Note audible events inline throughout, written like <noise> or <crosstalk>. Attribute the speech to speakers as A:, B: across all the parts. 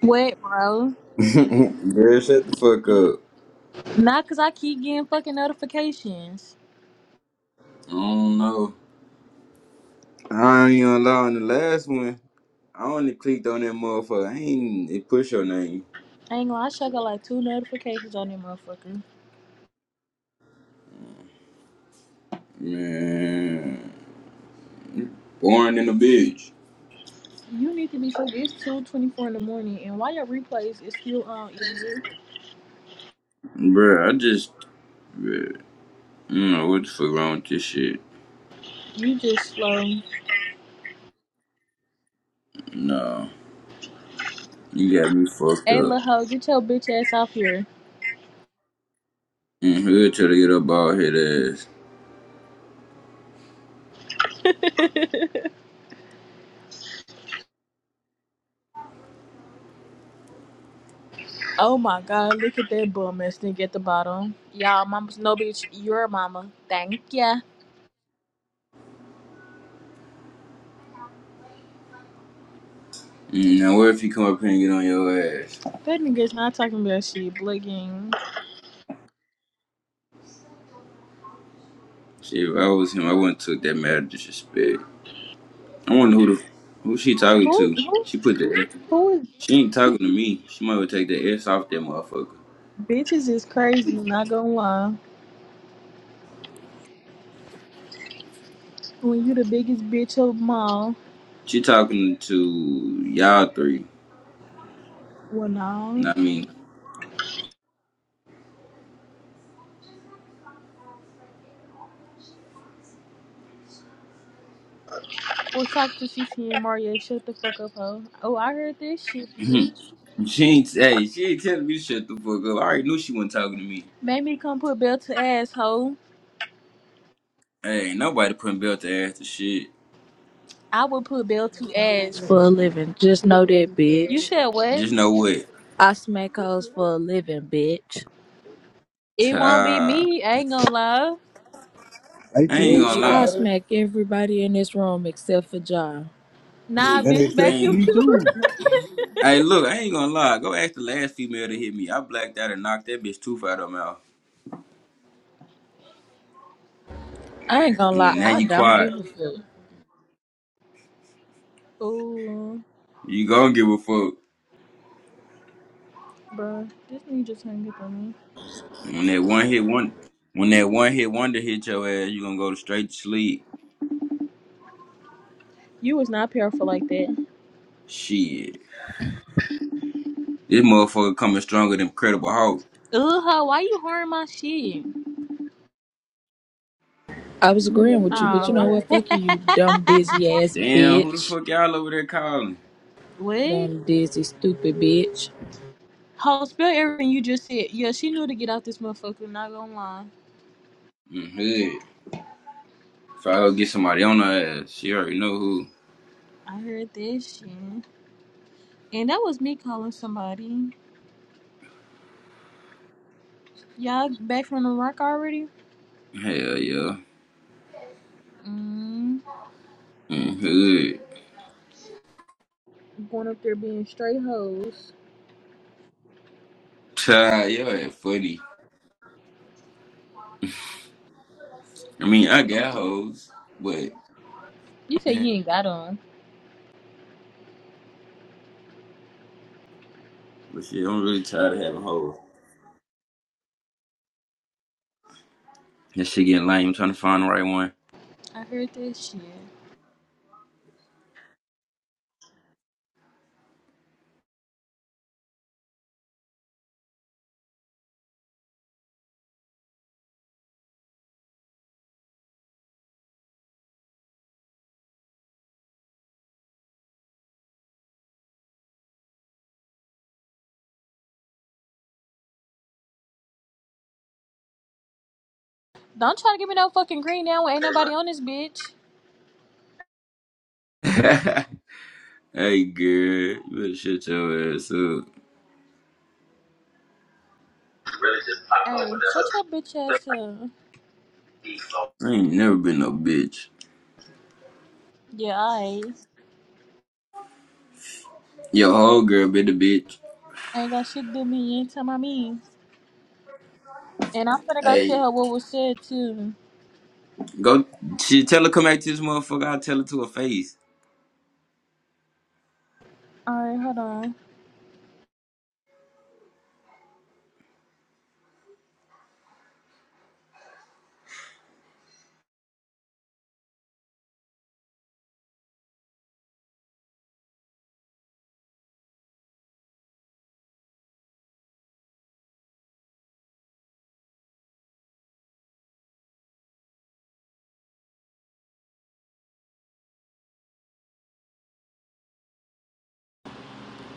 A: What, bro?
B: <laughs> Girl, shut the fuck up.
A: Not because I keep getting fucking notifications.
B: I don't know. I ain't gonna lie on the last one. I only clicked on that motherfucker. I ain't it push your name.
A: I ain't gonna, I should got like two notifications on that motherfucker.
B: Man. Born in a bitch.
A: You need to be fucking, it's 2.24 in the morning, and why your replays is still on, idiot?
B: Bruh, I just bruh, I don't know what the fuck wrong with this shit.
A: You just slow.
B: No. You got me fucked
A: Hey,
B: up.
A: lil' hoe, get your bitch ass off here.
B: And he'll try to get up all his ass.
A: <laughs> oh my god, look at that bum ass nigga at the bottom. Y'all, mama's no bitch, your mama. Thank ya.
B: Mm, Now what if he come up here and get on your ass?
A: That nigga's not talking about shit, blicking.
B: Shit, if I was him, I wouldn't took that matter disrespect. I wonder who the who she talking
A: Who,
B: to.
A: who,
B: She put the
A: who is,
B: She ain't talking to me. She might well take the S off that motherfucker.
A: bitches is crazy, not gonna lie. When you the biggest bitch of them all.
B: She talking to y'all three.
A: Well, no.
B: Not me.
A: Well, talk to CC and Mario. Shut the fuck up, hoe. Oh, I heard this shit,
B: <laughs> <clears throat>
A: bitch.
B: she ain't hey, she ain't telling me to shut the fuck up. I already knew she wasn't talking to me.
A: Made me come put bell to ass, hoe.
B: Hey, ain't nobody putting belt to ass to shit.
A: I would put bell to ass.
C: for a living. Just know that,
A: You
C: bitch.
A: said what?
B: Just know what.
C: I smack hoes for a living, bitch.
A: It won't be
B: Ta
A: me. I ain't gonna lie.
D: At,
B: I ain't
D: where
C: Bitch,
B: gonna
D: you at,
C: I
B: lie.
D: brother?
C: smack everybody in this room except for John.
A: Nah,
D: And
A: bitch,
B: I
A: back
D: except for
A: you.
B: ain't
D: me
A: too.
D: too.
B: Hey look, I ain't gonna lie. Go ask the last female to hit me. I blacked out and knocked that bitch tooth out of her mouth.
C: I ain't gonna
B: You
A: <laughs>
B: know,
C: lie,
B: now
C: I
A: Cap.
B: you
C: don't
B: quiet.
C: give a fuck.
A: Ooh,
B: You gonna give a fuck.
A: bruh. This nigga just hung up on me.
B: When that one hit one, when that one hit wonder hit your ass, you gonna go to straight to sleep.
A: You was not powerful like that. <laughs>
B: Shit, this motherfucker coming stronger than Credible Hulk.
A: Ugh, hoe, why you horn my shit?
C: I was agreeing with you, but
A: Oh,
C: you know
A: my
C: what? Fuck you, you
A: bad.
C: dumb dizzy ass
B: Damn, who the
C: bitch.
B: fuck y'all over there calling?
A: <laughs> what?
C: Dumb dizzy stupid bitch.
A: Ho, spill everything you just said. Yeah, she knew to get out this motherfucker, not gonna lie.
B: Mm, hood. If I go get somebody on her ass, she already know who.
A: I heard that shit. And that was me calling somebody. Y'all back from the rock already?
B: Hell yeah.
A: Mm.
B: Mm, hood.
A: Going up there being straight hoes.
B: Tired, y'all ain't funny. I mean, I
A: I'm
B: got
A: so-
B: hoes, but
A: You say you ain't got on.
B: but shit, I'm really tired of having hoes. That shit getting lame. I'm trying to find the right one.
A: I heard that shit. Don't try to give me no fucking green now when ain't nobody on this bitch.
B: <laughs> hey, girl, you better shut your ass up.
A: Really just pop up with Hey, shut your bitch ass up.
B: I ain't never been no bitch.
A: Yeah, I ain't.
B: Your whole girl been a bitch.
A: Ain't got shit to do me. You ain't tell my mean. And I'm finna go
B: Hey,
A: tell her what was said too.
B: go. She tell her come back to this motherfucker. I tell her to her face.
A: Alright, hold on.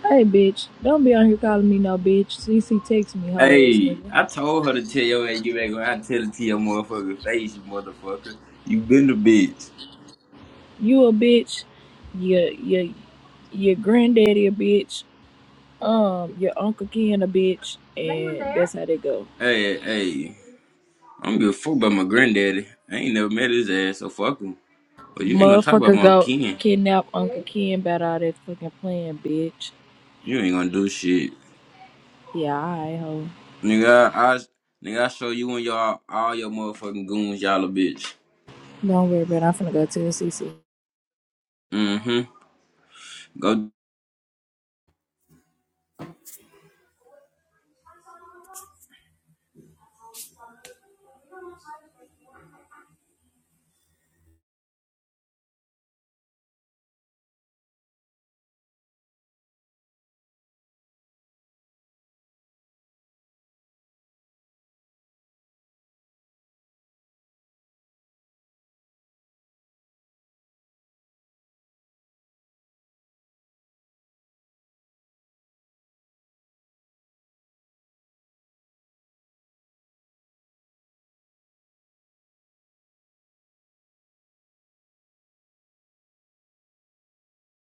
C: Hey bitch, don't be on here calling me no bitch. CC text me hoe ass
B: Hey,
C: nigga.
B: I told her to tell your ass get back when I tell it to your motherfucking face, you motherfucker. You been a bitch.
C: You a bitch. Your your your granddaddy a bitch. Um, your uncle Ken a bitch, and that's how they go.
B: Hey, hey, I don't give a fuck about my granddaddy. I ain't never met his ass, so fuck him. But you ain't gonna talk about
C: Motherfucker
B: my
C: go
B: kin.
C: kidnap Uncle Ken about all that fucking playing, bitch.
B: You ain't gonna do shit,
C: Yeah, alright, ho.
B: nigga. I, I nigga, I show you and y'all all your motherfucking goons, y'all a bitch.
C: Don't worry about it. I'm finna go to the CC.
B: Mm-hmm. Go